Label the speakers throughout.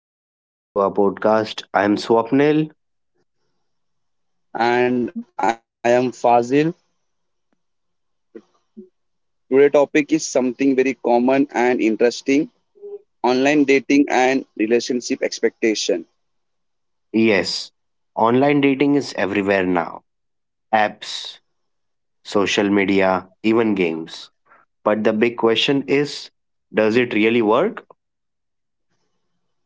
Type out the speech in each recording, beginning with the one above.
Speaker 1: welcome back to our podcast. I am Swapnil.
Speaker 2: And I am Fazil. Today topic is something very common and interesting, online dating and relationship expectation.
Speaker 1: Yes, online dating is everywhere now. Apps, social media, even games. But the big question is, does it really work?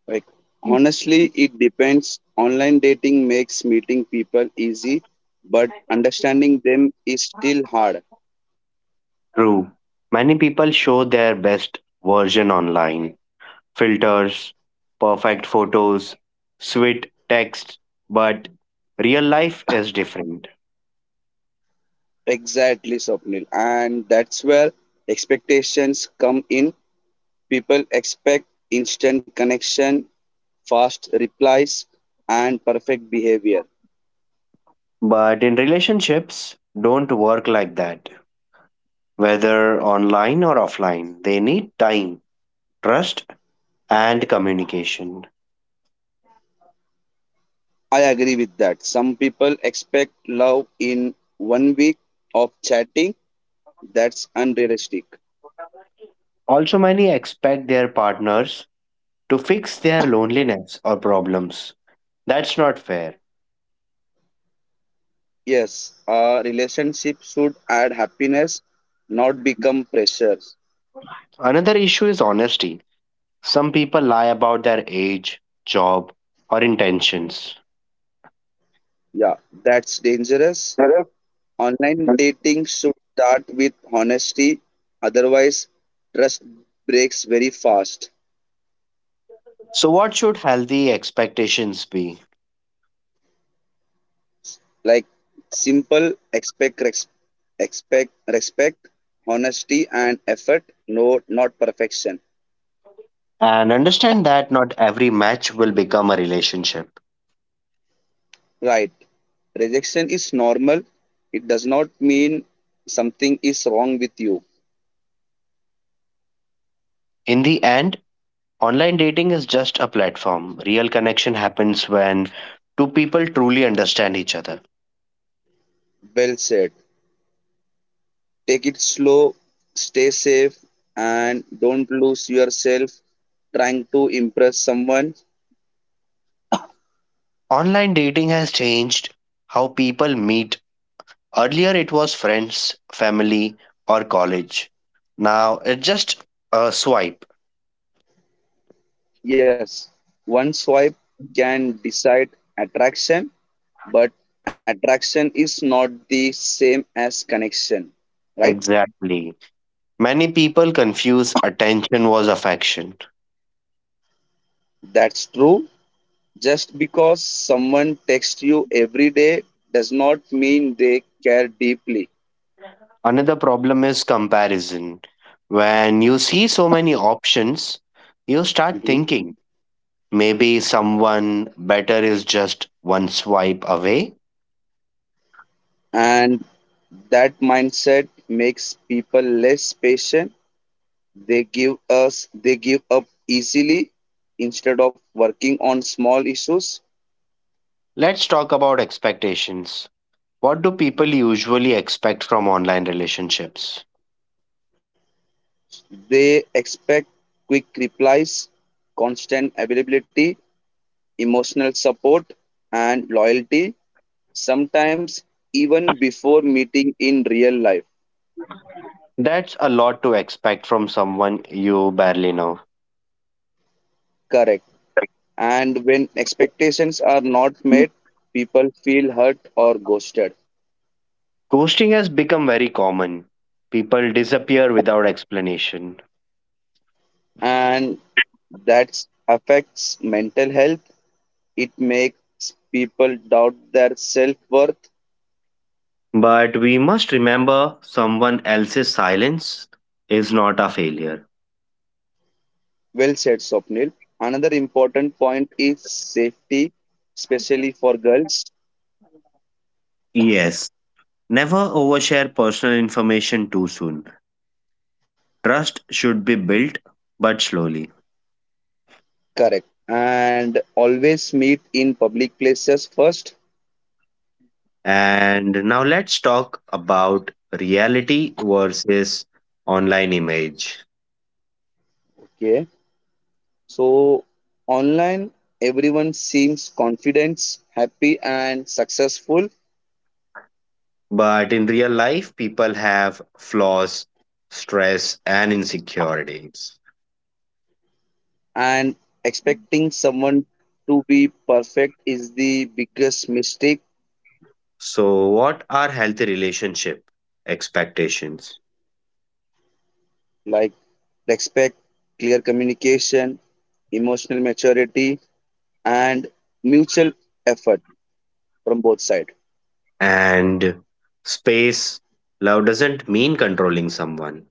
Speaker 2: Like honestly, it depends. Online dating makes meeting people easy, but understanding them is still hard.
Speaker 1: True. Many people show their best version online. Filters, perfect photos, sweet text, but real life is different.
Speaker 2: Exactly, Swapnil. And that's where expectations come in. People expect instant connection, fast replies, and perfect behavior.
Speaker 1: But in relationships don't work like that, whether online or offline. They need time, trust, and communication.
Speaker 2: I agree with that. Some people expect love in one week of chatting. That's unrealistic.
Speaker 1: Also, many expect their partners to fix their loneliness or problems. That's not fair.
Speaker 2: Yes, a relationship should add happiness, not become pressures.
Speaker 1: Another issue is honesty. Some people lie about their age, job, or intentions.
Speaker 2: Yeah, that's dangerous. Online dating should start with honesty, otherwise, trust breaks very fast.
Speaker 1: So, what should healthy expectations be?
Speaker 2: Like simple expect respect, honesty and effort, no not perfection.
Speaker 1: And understand that not every match will become a relationship.
Speaker 2: Right. Rejection is normal. It does not mean something is wrong with you.
Speaker 1: In the end, online dating is just a platform. Real connection happens when two people truly understand each other.
Speaker 2: Well said. Take it slow, stay safe, and don't lose yourself trying to impress someone.
Speaker 1: Online dating has changed how people meet. Earlier, it was friends, family, or college. Now, it's just a swipe.
Speaker 2: Yes, one swipe can decide attraction, but attraction is not the same as connection, right?
Speaker 1: Exactly. Many people confuse attention was affection.
Speaker 2: That's true. Just because someone texts you every day does not mean they care deeply.
Speaker 1: Another problem is comparison. When you see so many options, you start
Speaker 2: Mhm.
Speaker 1: thinking maybe someone better is just one swipe away.
Speaker 2: And that mindset makes people less patient. They give us they give up easily instead of working on small issues.
Speaker 1: Let's talk about expectations. What do people usually expect from online relationships?
Speaker 2: They expect quick replies, constant availability, emotional support and loyalty, sometimes even before meeting in real life.
Speaker 1: That's a lot to expect from someone you barely know.
Speaker 2: Correct. And when expectations are not
Speaker 1: Mm.
Speaker 2: met, people feel hurt or ghosted.
Speaker 1: Ghosting has become very common. People disappear without explanation.
Speaker 2: And that affects mental health. It makes people doubt their self worth.
Speaker 1: But we must remember someone else's silence is not a failure.
Speaker 2: Well said, Sopnil. Another important point is safety, especially for girls.
Speaker 1: Yes, never overshare personal information too soon. Trust should be built, but slowly.
Speaker 2: Correct. And always meet in public places first.
Speaker 1: And now let's talk about reality versus online image.
Speaker 2: Okay. So, online, everyone seems confident, happy, and successful,
Speaker 1: But in real life, people have flaws, stress, and insecurities.
Speaker 2: and expecting someone to be perfect is the biggest mistake.
Speaker 1: So, what are healthy relationship expectations?
Speaker 2: Like respect, clear communication, emotional maturity and mutual effort from both sides,
Speaker 1: And space, love doesn't mean controlling someone.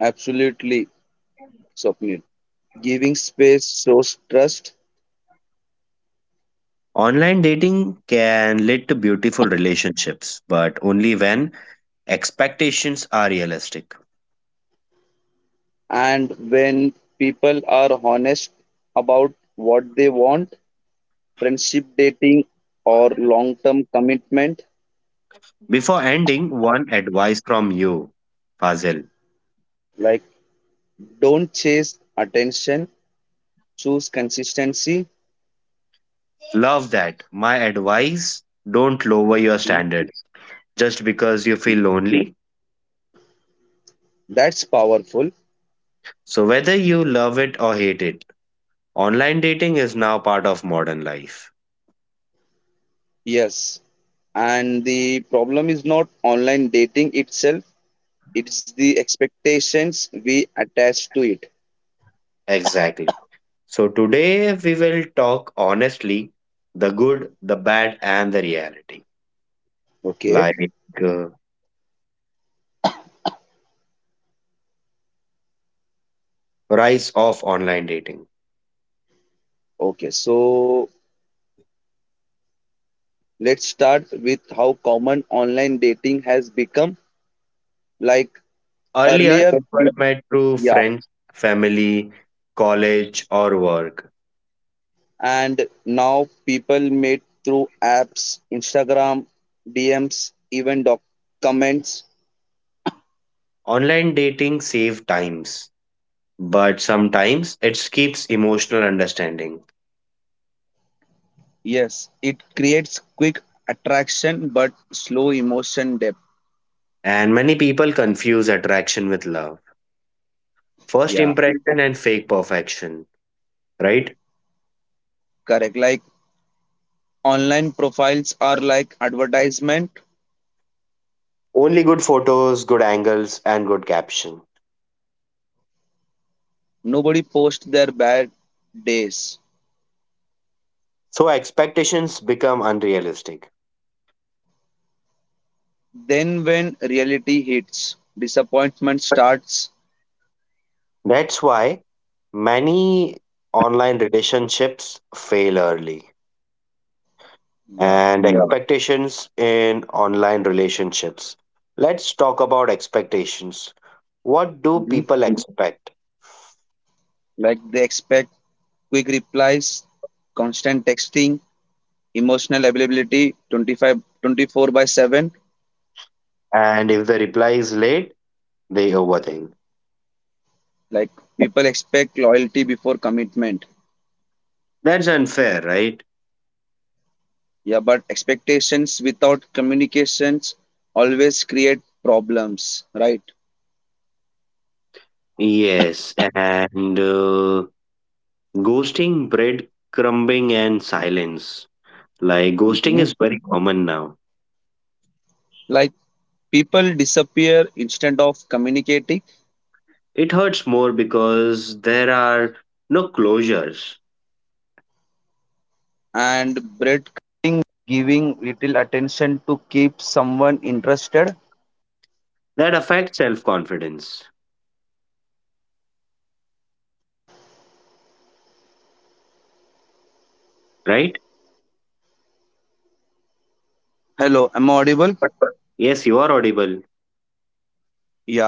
Speaker 2: absolutely Swapnil. Giving space shows trust,
Speaker 1: Online dating can lead to beautiful relationships, but only when expectations are realistic.
Speaker 2: and when people are honest about what they want, friendship, dating or long term commitment.
Speaker 1: Before ending, one advice from you, Fazil.
Speaker 2: Like don't chase attention, choose consistency.
Speaker 1: Love that. My advice, don't lower your
Speaker 2: Mhm.
Speaker 1: standard just because you feel lonely.
Speaker 2: That's powerful.
Speaker 1: So, whether you love it or hate it, online dating is now part of modern life.
Speaker 2: Yes, and the problem is not online dating itself, it's the expectations we attach to it.
Speaker 1: Exactly. So, today we will talk honestly, the good, the bad, and the reality.
Speaker 2: Okay.
Speaker 1: Like, uh, rise of online dating.
Speaker 2: Okay, so let's start with how common online dating has become. Like
Speaker 1: Earlier,
Speaker 2: earlier
Speaker 1: people
Speaker 2: pe-
Speaker 1: met through
Speaker 2: yeah,
Speaker 1: friends, family, college, or work.
Speaker 2: and now people meet through apps, instagram, dms, even doc comments.
Speaker 1: Online dating saves times, but sometimes it keeps emotional understanding.
Speaker 2: Yes, it creates quick attraction but slow emotion depth.
Speaker 1: And many people confuse attraction with love. First
Speaker 2: Yeah,
Speaker 1: impression and fake perfection, right?
Speaker 2: correct. Like online profiles are like advertisement.
Speaker 1: Only good photos, good angles, and good caption.
Speaker 2: Nobody posts their bad days.
Speaker 1: So expectations become unrealistic.
Speaker 2: Then when reality hits, disappointment starts.
Speaker 1: That's why many online relationships fail early.
Speaker 2: Yeah.
Speaker 1: And yeah, expectations in online relationships. Let's talk about expectations. What do
Speaker 2: Mhm.
Speaker 1: people expect?
Speaker 2: Like they expect quick replies, constant texting, emotional availability 25 24/7.
Speaker 1: And if the reply is late, they overthink.
Speaker 2: Like people expect loyalty before commitment.
Speaker 1: That's unfair, right?
Speaker 2: Yeah, but expectations without communications always create problems, right?
Speaker 1: Yes, and ghosting, breadcrumbing, and silence. Like ghosting
Speaker 2: Mhm.
Speaker 1: is very common now.
Speaker 2: Like people disappear instead of communicating,
Speaker 1: It hurts more because there are no closures
Speaker 2: and
Speaker 1: that affect self confidence, right?
Speaker 2: hello, am I audible?
Speaker 1: Yes, you are audible.
Speaker 2: Yeah.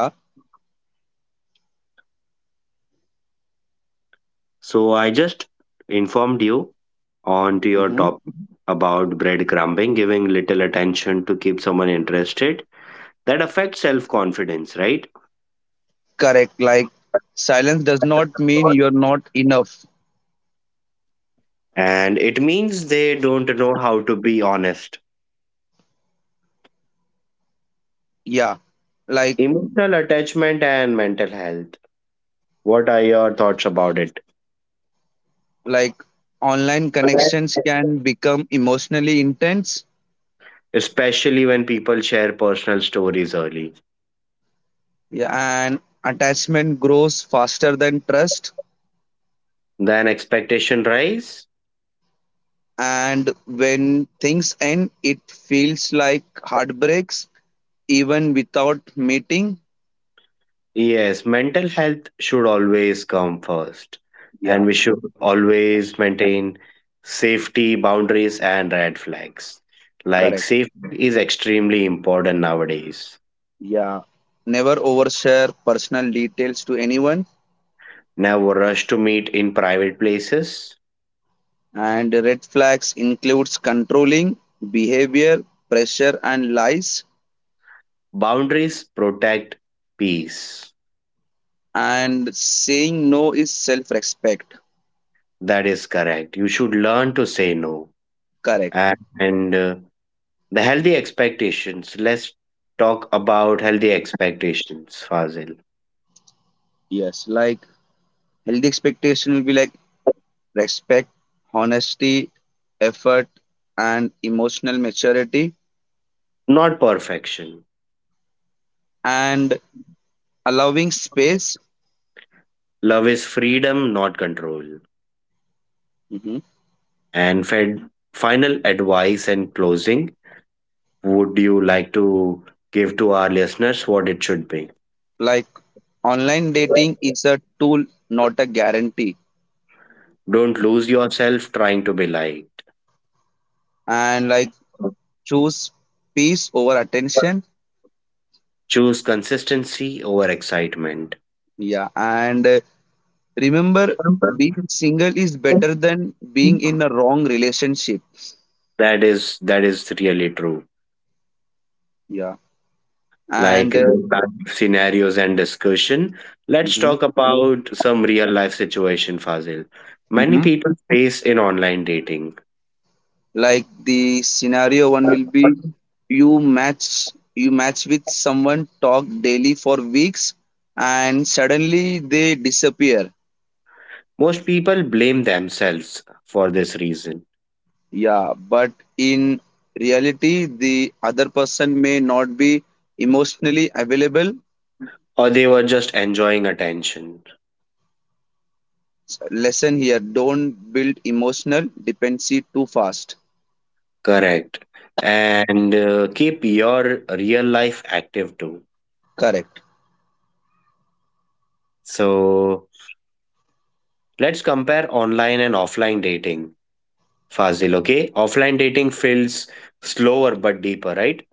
Speaker 1: So I just informed you on to your
Speaker 2: Hmm.
Speaker 1: topic about breadcrumbing, giving little attention to keep someone interested. That affects self confidence, right?
Speaker 2: Correct. Like silence does not mean you're not enough.
Speaker 1: And it means they don't know how to be honest.
Speaker 2: Yeah. Like
Speaker 1: Emotional attachment and mental health. What are your thoughts about it?
Speaker 2: like online connections can become emotionally intense.
Speaker 1: Especially when people share personal stories early.
Speaker 2: Yeah, and attachment grows faster than trust.
Speaker 1: Then expectation rise.
Speaker 2: And when things end, it feels like heartbreaks even without meeting.
Speaker 1: Yes, mental health should always come first,
Speaker 2: Yeah,
Speaker 1: and we should always maintain safety boundaries and red flags. Like,
Speaker 2: correct.
Speaker 1: safety is extremely important nowadays.
Speaker 2: Yeah. Never overshare personal details to anyone.
Speaker 1: Never rush to meet in private places.
Speaker 2: And red flags includes controlling behavior, pressure and lies,
Speaker 1: Boundaries protect peace.
Speaker 2: and saying no is self-respect.
Speaker 1: That is correct. You should learn to say no.
Speaker 2: Correct.
Speaker 1: And the healthy expectations. Let's talk about healthy expectations, Fazil.
Speaker 2: Yes, like healthy expectation will be like respect, honesty, effort and emotional maturity,
Speaker 1: Not perfection.
Speaker 2: and allowing space.
Speaker 1: Love is freedom, not control.
Speaker 2: Mhm.
Speaker 1: And fed, final advice and closing, would you like to give to our listeners what it should be?
Speaker 2: Like online dating is a tool not a guarantee,
Speaker 1: Don't lose yourself trying to be liked.
Speaker 2: and like choose peace over attention.
Speaker 1: Choose consistency over excitement.
Speaker 2: Yeah, and remember, being single is better than being in a wrong relationship.
Speaker 1: That is really true.
Speaker 2: Yeah.
Speaker 1: Like
Speaker 2: And
Speaker 1: real scenarios and discussion. Let's
Speaker 2: hmm
Speaker 1: talk about some real life situation, Fazil. Many
Speaker 2: hmm,
Speaker 1: people face in online dating.
Speaker 2: like the scenario one will be, you match with someone, talk daily for weeks, and suddenly they disappear.
Speaker 1: Most people blame themselves for this reason,
Speaker 2: Yeah, but in reality the other person may not be emotionally available.
Speaker 1: or they were just enjoying attention.
Speaker 2: Lesson here, don't build emotional dependency too fast.
Speaker 1: Correct. And keep your real life active too.
Speaker 2: Correct.
Speaker 1: So let's compare online and offline dating, Fazil. Okay. Offline dating feels slower but deeper, right?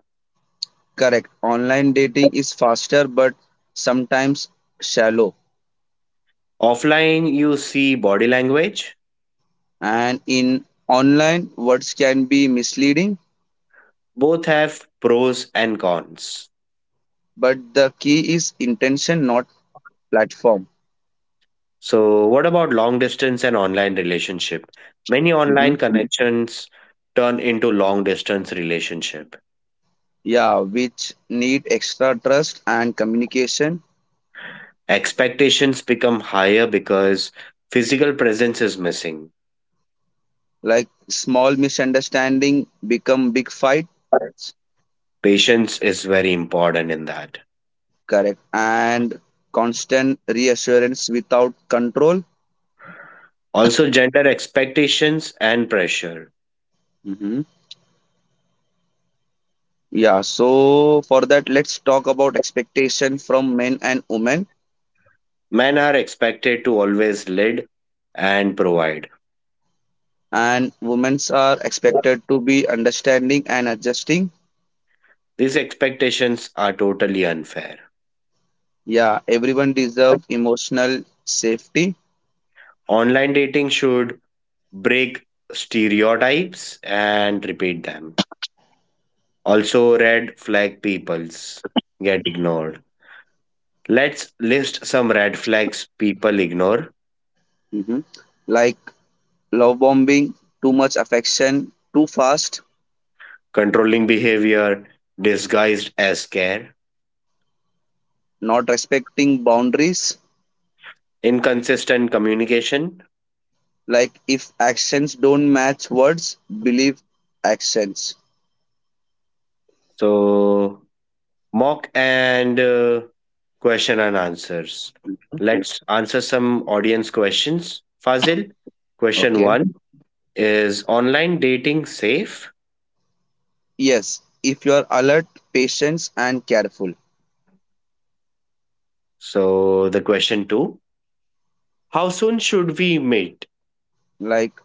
Speaker 2: Correct. Online dating is faster but sometimes shallow.
Speaker 1: Offline, you see body language.
Speaker 2: And in online, words can be misleading,
Speaker 1: Both have pros and cons.
Speaker 2: but the key is intention, not platform.
Speaker 1: So, what about long distance and online relationship? Many
Speaker 2: Mhm.
Speaker 1: online connections turn into long distance relationship.
Speaker 2: Yeah, which need extra trust and communication.
Speaker 1: Expectations become higher because physical presence is missing.
Speaker 2: Like small misunderstanding become big fight.
Speaker 1: Patience is very important in that.
Speaker 2: Correct. And constant reassurance without control.
Speaker 1: Also, gender expectations and pressure.
Speaker 2: Mhm. Yeah, so for that, let's talk about expectation from men and women.
Speaker 1: Men are expected to always lead and provide.
Speaker 2: And women are expected to be understanding and adjusting.
Speaker 1: These expectations are totally unfair.
Speaker 2: Yeah, everyone deserves emotional safety.
Speaker 1: Online dating should break stereotypes and repeat them. Also, red flag peoples get ignored. Let's list some red flags people ignore:
Speaker 2: Mhm. Like love bombing, too much affection, too fast,
Speaker 1: controlling behavior disguised as care,
Speaker 2: not respecting boundaries.
Speaker 1: inconsistent communication,
Speaker 2: Like if actions don't match words, believe actions.
Speaker 1: so mock and question and answers.
Speaker 2: Mhm.
Speaker 1: Let's answer some audience questions. Fazil, question
Speaker 2: Okay.
Speaker 1: one, is online dating safe?
Speaker 2: Yes, if you are alert, patient, and careful.
Speaker 1: So, the question two, how soon should we meet?
Speaker 2: Like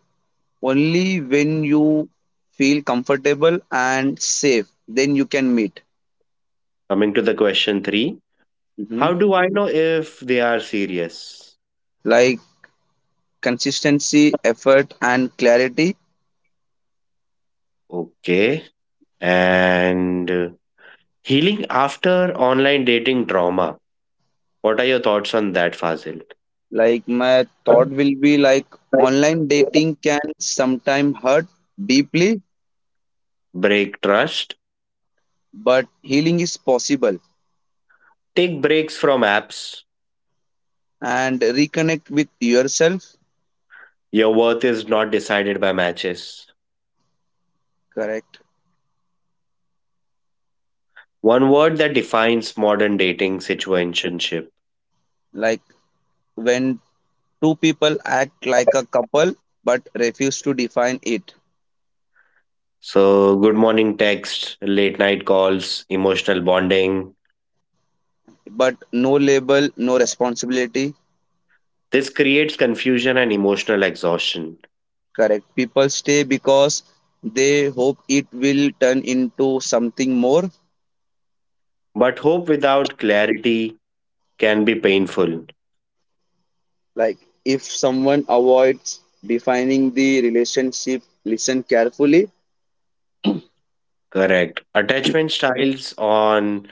Speaker 2: only when you feel comfortable and safe, then you can meet.
Speaker 1: Coming to the question three,
Speaker 2: Hmm.
Speaker 1: how do I know if they are serious?
Speaker 2: Like consistency, effort, and clarity.
Speaker 1: Okay. And healing after online dating drama. What are your thoughts on that, Fazil?
Speaker 2: Like my thought will be like online dating can sometimes hurt deeply,
Speaker 1: Break trust.
Speaker 2: but healing is possible,
Speaker 1: Take breaks from apps.
Speaker 2: and reconnect with yourself.
Speaker 1: Your worth is not decided by matches.
Speaker 2: Correct.
Speaker 1: One word that defines modern dating: situationship.
Speaker 2: Like when two people act like a couple but refuse to define it,
Speaker 1: So, good morning text, late night calls, emotional bonding,
Speaker 2: but no label, no responsibility.
Speaker 1: this creates confusion and emotional exhaustion.
Speaker 2: Correct. People stay because they hope it will turn into something more.
Speaker 1: But hope without clarity can be painful.
Speaker 2: Like if someone avoids defining the relationship, listen carefully.
Speaker 1: Correct. Attachment styles on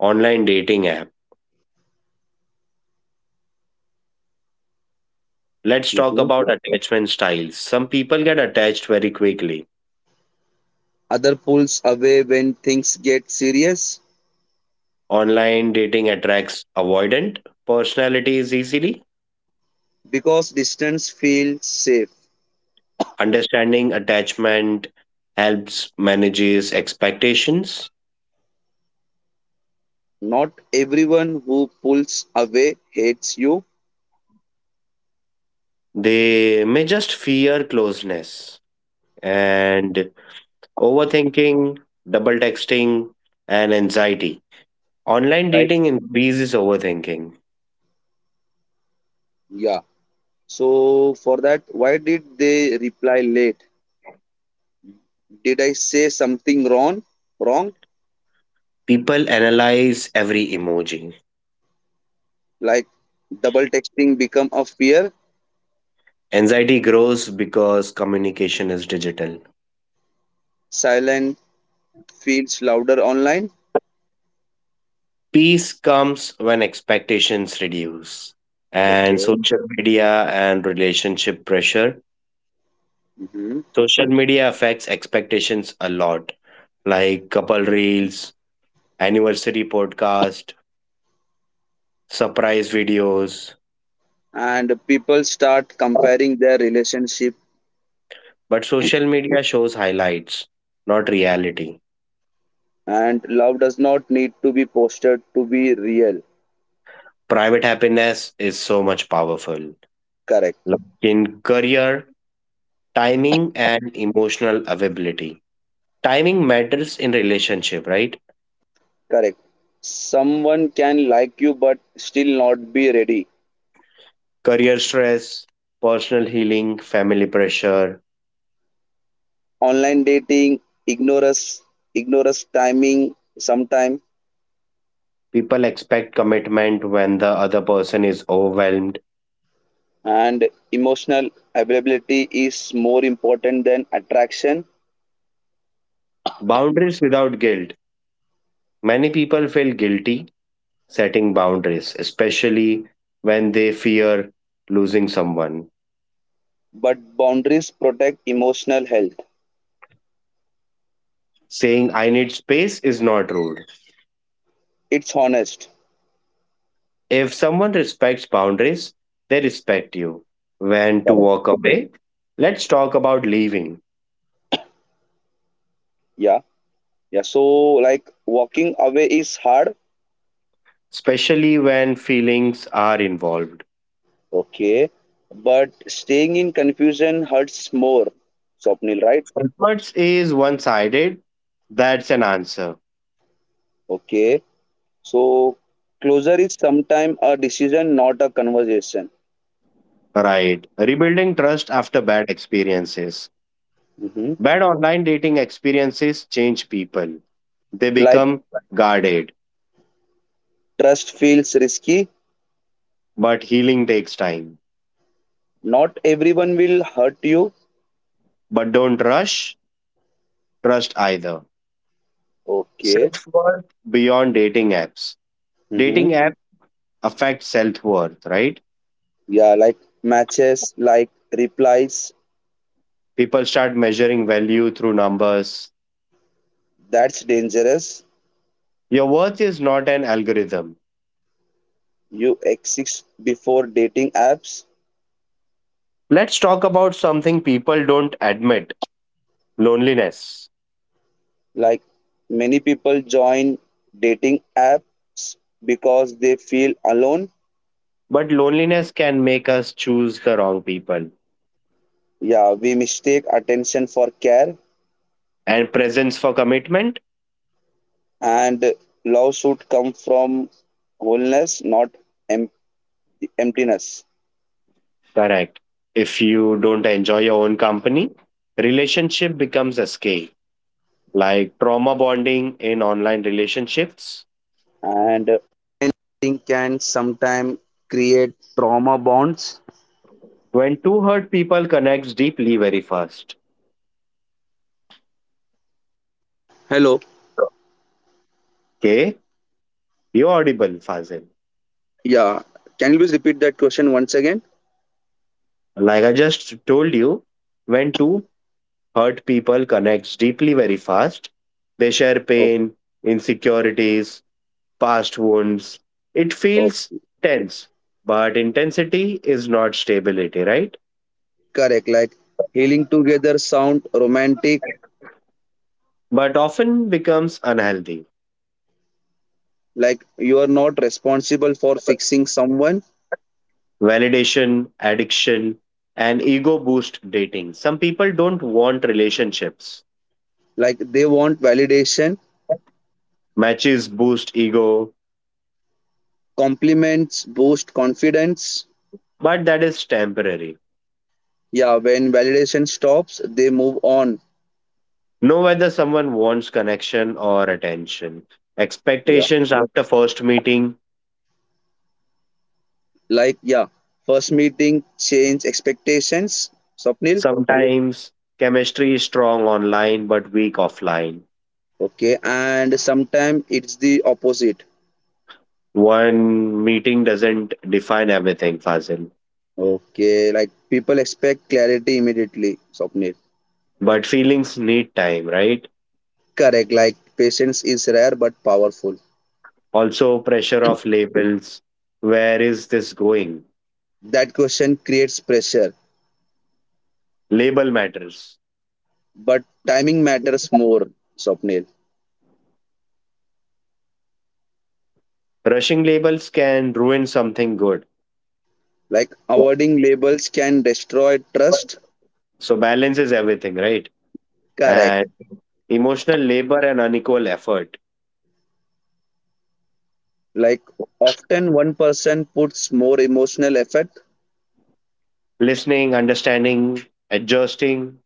Speaker 1: online dating app. Let's talk
Speaker 2: Mhm.
Speaker 1: about attachment styles. Some people get attached very quickly.
Speaker 2: Other pulls away when things get serious
Speaker 1: Online dating attracts avoidant personalities easily.
Speaker 2: because distance feels safe.
Speaker 1: Understanding attachment helps manages expectations.
Speaker 2: Not everyone who pulls away hates you.
Speaker 1: They may just fear closeness and overthinking, double texting, and anxiety. Online
Speaker 2: Right.
Speaker 1: dating increases overthinking.
Speaker 2: Yeah. So for that, why did they reply late? Did I say something wrong? Wrong?
Speaker 1: People analyze every emoji.
Speaker 2: Like double texting become a fear.
Speaker 1: Anxiety grows because communication is digital.
Speaker 2: Silent feels louder online.
Speaker 1: Peace comes when expectations reduce. And
Speaker 2: Okay.
Speaker 1: social media and relationship pressure.
Speaker 2: Mhm.
Speaker 1: Social media affects expectations a lot, like couple reels, anniversary podcast, surprise videos,
Speaker 2: And people start comparing their relationship,
Speaker 1: but social media shows highlights, not reality.
Speaker 2: and love does not need to be posted to be real.
Speaker 1: Private happiness is so much powerful,
Speaker 2: Correct.
Speaker 1: like in career, timing, and emotional availability. Timing matters in relationship, right?
Speaker 2: Correct. Someone can like you but still not be ready.
Speaker 1: Career stress, personal healing, family pressure.
Speaker 2: Online dating ignorance ignorance timing sometime,
Speaker 1: People expect commitment when the other person is overwhelmed.
Speaker 2: and emotional availability is more important than attraction,
Speaker 1: Boundaries without guilt. Many people feel guilty setting boundaries, especially when they fear losing someone.
Speaker 2: but boundaries protect emotional health.
Speaker 1: Saying I need space is not rude.
Speaker 2: It's honest.
Speaker 1: If someone respects boundaries, they respect you. When to
Speaker 2: Correct.
Speaker 1: walk away? Let's talk about leaving,
Speaker 2: Yeah, yeah, so like walking away is hard.
Speaker 1: especially when feelings are involved.
Speaker 2: Okay, but staying in confusion hurts more, Swapnil, right?
Speaker 1: Comfort is one sided, that's an answer.
Speaker 2: Okay, so closure is sometimes a decision, not a conversation.
Speaker 1: Right. Rebuilding trust after bad experiences.
Speaker 2: Hmm.
Speaker 1: Bad online dating experiences change people, they
Speaker 2: Like
Speaker 1: become guarded,
Speaker 2: trust feels risky,
Speaker 1: but healing takes time.
Speaker 2: not everyone will hurt you.
Speaker 1: But don't rush trust either.
Speaker 2: Okay.
Speaker 1: Self worth beyond dating apps.
Speaker 2: Hmm.
Speaker 1: Dating apps affect self worth, right?
Speaker 2: Yeah, like matches, like replies,
Speaker 1: People start measuring value through numbers.
Speaker 2: that's dangerous.
Speaker 1: Your worth is not an algorithm.
Speaker 2: You exist before dating apps.
Speaker 1: Let's talk about something people don't admit: loneliness.
Speaker 2: Like many people join dating apps because they feel alone.
Speaker 1: But loneliness can make us choose the wrong people.
Speaker 2: Yeah, we mistake attention for care,
Speaker 1: And presence for commitment?
Speaker 2: and love should come from wholeness, not em- emptiness.
Speaker 1: Correct. If you don't enjoy your own company, relationship becomes escape, like trauma bonding in online relationships when two hurt people connects deeply very fast. Okay, you're audible, Fazil.
Speaker 2: Yeah. Can you please repeat that question once again?
Speaker 1: Like I just told you, when two hurt people connects deeply very fast, they share
Speaker 2: Oh.
Speaker 1: pain, insecurities, past wounds. It
Speaker 2: Oh,
Speaker 1: feels tense, but intensity is not stability, right?
Speaker 2: correct. Like healing together sound romantic.
Speaker 1: But often becomes unhealthy.
Speaker 2: Like you are not responsible for fixing someone.
Speaker 1: Validation, addiction, and ego boost dating. Some people don't want relationships.
Speaker 2: Like they want validation,
Speaker 1: Matches boost ego,
Speaker 2: compliments boost confidence.
Speaker 1: but that is temporary.
Speaker 2: Yeah, when validation stops, they move on.
Speaker 1: Know whether someone wants connection or attention. Expectations after first meeting.
Speaker 2: Like yeah, first meeting change expectations, Swapnil.
Speaker 1: Sometimes chemistry is strong online but weak offline.
Speaker 2: Okay, and sometimes it's the opposite.
Speaker 1: One meeting doesn't define everything, Fazil.
Speaker 2: Okay, like people expect clarity immediately, Swapnil.
Speaker 1: But feelings need time, right?
Speaker 2: Correct. Like patience is rare but powerful.
Speaker 1: Also, pressure of labels. Where is this going?
Speaker 2: That question creates pressure,
Speaker 1: Label matters.
Speaker 2: but timing matters more, Swapnil.
Speaker 1: Rushing labels can ruin something good.
Speaker 2: Like avoiding labels can destroy trust.
Speaker 1: So, balance is everything, right?
Speaker 2: Correct.
Speaker 1: And emotional labor and unequal effort.
Speaker 2: Like often one person puts more emotional effort
Speaker 1: Listening, understanding, adjusting,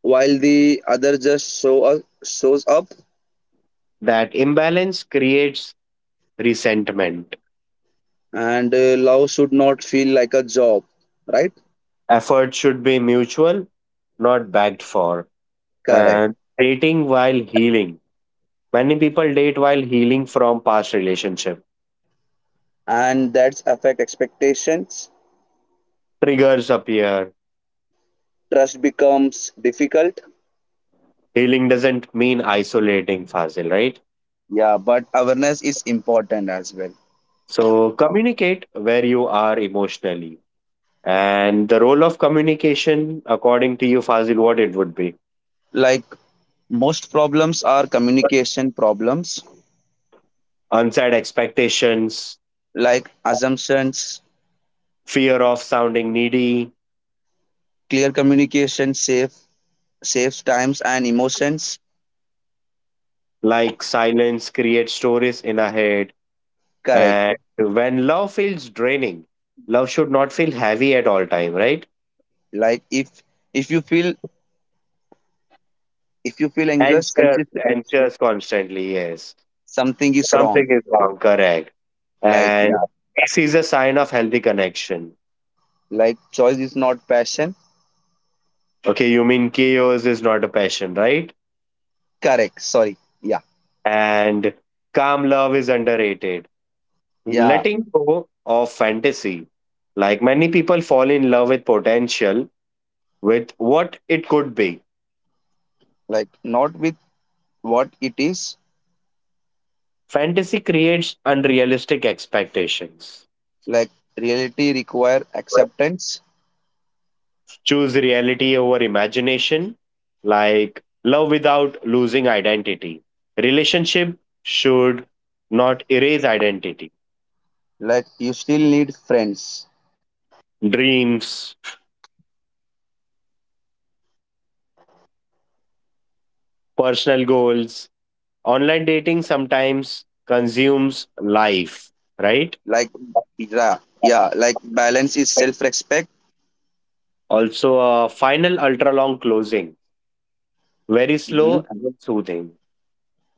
Speaker 2: while the other just shows up,
Speaker 1: that imbalance creates resentment.
Speaker 2: and love should not feel like a job, right?
Speaker 1: Effort should be mutual, not begged for.
Speaker 2: Correct.
Speaker 1: And dating while healing. Many people date while healing from past relationship.
Speaker 2: And that's affect expectations.
Speaker 1: Triggers appear.
Speaker 2: Trust becomes difficult.
Speaker 1: Healing doesn't mean isolating, Fazil, right?
Speaker 2: Yeah, but awareness is important as well.
Speaker 1: So communicate where you are emotionally. And the role of communication, according to you, Fazil, what it would be?
Speaker 2: Like most problems are communication problems,
Speaker 1: Unset expectations,
Speaker 2: like assumptions,
Speaker 1: fear of sounding needy,
Speaker 2: clear communication saves times and emotions.
Speaker 1: like silence creates stories in our head.
Speaker 2: Correct.
Speaker 1: And when love feels draining, love should not feel heavy at all time, right?
Speaker 2: Like if you feel if you feel anxious,
Speaker 1: Anxious,
Speaker 2: consider
Speaker 1: anxious constantly, yes.
Speaker 2: something is
Speaker 1: Something
Speaker 2: wrong.
Speaker 1: is wrong, correct.
Speaker 2: Like
Speaker 1: And
Speaker 2: yeah,
Speaker 1: this is a sign of healthy connection.
Speaker 2: like choice is not passion.
Speaker 1: Okay, you mean chaos is not a passion, right?
Speaker 2: Correct. Sorry. Yeah,
Speaker 1: And calm love is underrated.
Speaker 2: yeah.
Speaker 1: Letting go of fantasy. Like many people fall in love with potential, with what it could be.
Speaker 2: Like not with what it is.
Speaker 1: Fantasy creates unrealistic expectations.
Speaker 2: Like reality require acceptance.
Speaker 1: Choose reality over imagination, like love without losing identity. Relationship should not erase identity.
Speaker 2: Like you still need friends,
Speaker 1: Dreams, personal goals, online dating sometimes consumes life, right?
Speaker 2: like yeah, yeah, like balance is self respect.
Speaker 1: Also, a final ultra long closing, very
Speaker 2: Mm-hmm.
Speaker 1: slow and soothing.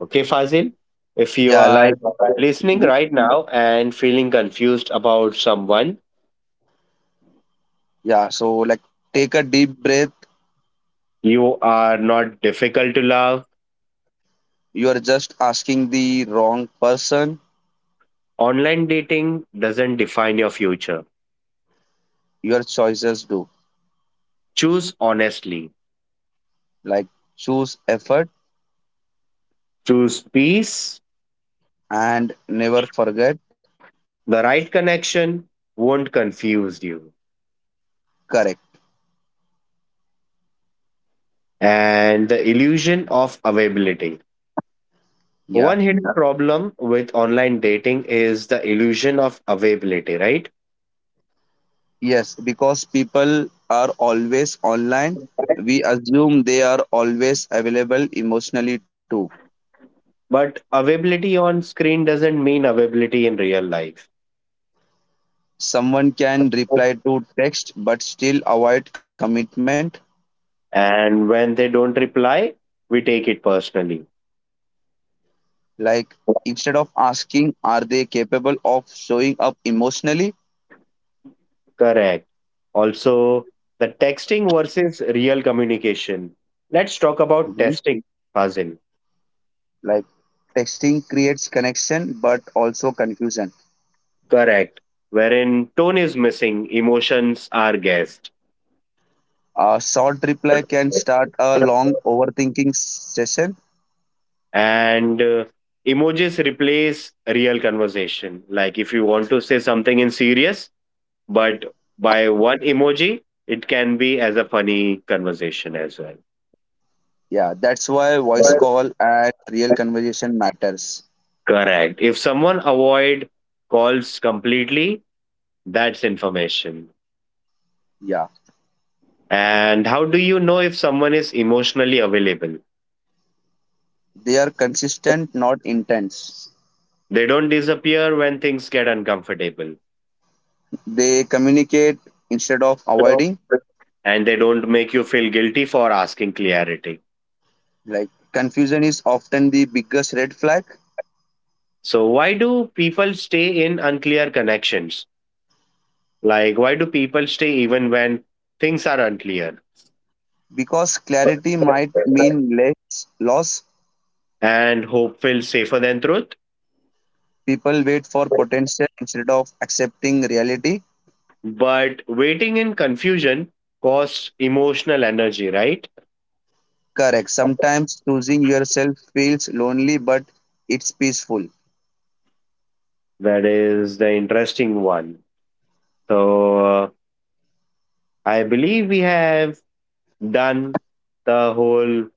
Speaker 1: Okay, Fazil? If you
Speaker 2: Yeah,
Speaker 1: are
Speaker 2: like
Speaker 1: listening
Speaker 2: hmm,
Speaker 1: right now and feeling confused about someone,
Speaker 2: yeah so like take a deep breath,
Speaker 1: you are not difficult to love.
Speaker 2: you are just asking the wrong person,
Speaker 1: Online dating doesn't define your future.
Speaker 2: your choices do,
Speaker 1: Choose honestly,
Speaker 2: like choose effort,
Speaker 1: choose peace.
Speaker 2: and never forget.
Speaker 1: The right connection won't confuse you,
Speaker 2: Correct.
Speaker 1: and the illusion of availability.
Speaker 2: Yeah.
Speaker 1: One hidden problem with online dating is the illusion of availability, right?
Speaker 2: Yes, because people are always online, we assume they are always available emotionally too.
Speaker 1: But availability on screen doesn't mean availability in real life.
Speaker 2: Someone can reply to text but still avoid commitment.
Speaker 1: And when they don't reply, we take it personally.
Speaker 2: Like instead of asking, are they capable of showing up emotionally?
Speaker 1: Correct. Also, the texting versus real communication. Let's talk
Speaker 2: Mhm.
Speaker 1: about testing, Fazil.
Speaker 2: Like texting creates connection but also confusion.
Speaker 1: Correct. Wherein tone is missing, emotions are guessed.
Speaker 2: A short reply can start a long overthinking session.
Speaker 1: And emojis replace real conversation, like if you want to say something in serious, but by one emoji it can be as a funny conversation as
Speaker 2: Yeah, that's why voice
Speaker 1: well.
Speaker 2: call and real conversation matters.
Speaker 1: Correct, if someone avoid calls completely, that's information.
Speaker 2: Yeah,
Speaker 1: And how do you know if someone is emotionally available?
Speaker 2: they are consistent, not intense.
Speaker 1: They don't disappear when things get uncomfortable,
Speaker 2: They communicate instead of avoiding.
Speaker 1: and they don't make you feel guilty for asking clarity.
Speaker 2: Like confusion is often the biggest red flag.
Speaker 1: So, why do people stay in unclear connections? Like, why do people stay even when things are unclear?
Speaker 2: Because clarity might mean less loss,
Speaker 1: And hope feels safer than truth.
Speaker 2: people wait for potential instead of accepting reality.
Speaker 1: But waiting in confusion costs emotional energy, right?
Speaker 2: Correct. Sometimes choosing yourself feels lonely, but it's peaceful.
Speaker 1: That is the interesting one. So, I believe we have done the whole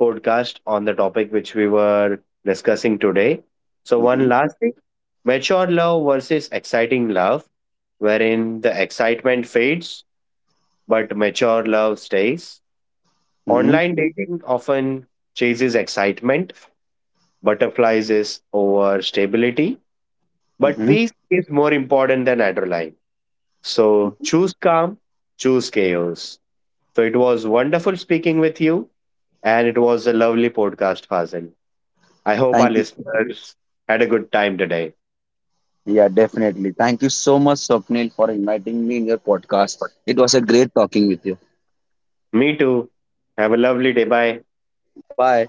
Speaker 1: podcast on the topic which we were discussing today. So, one
Speaker 2: Mm-hmm.
Speaker 1: last thing, mature love versus exciting love, wherein the excitement fades but mature love stays.
Speaker 2: Mm-hmm.
Speaker 1: Online dating often chases excitement, butterflies is over stability, but
Speaker 2: Mm-hmm.
Speaker 1: peace is more important than adrenaline. So, choose calm, choose chaos. So, it was wonderful speaking with you, and it was a lovely podcast, Fazil. I hope our
Speaker 2: Thank you.
Speaker 1: listeners had a good time today.
Speaker 2: Yeah, definitely. Thank you so much, Swapnil, for inviting me in your podcast. It was a great talking with you.
Speaker 1: Me too. Have a lovely day. Bye.
Speaker 2: Bye.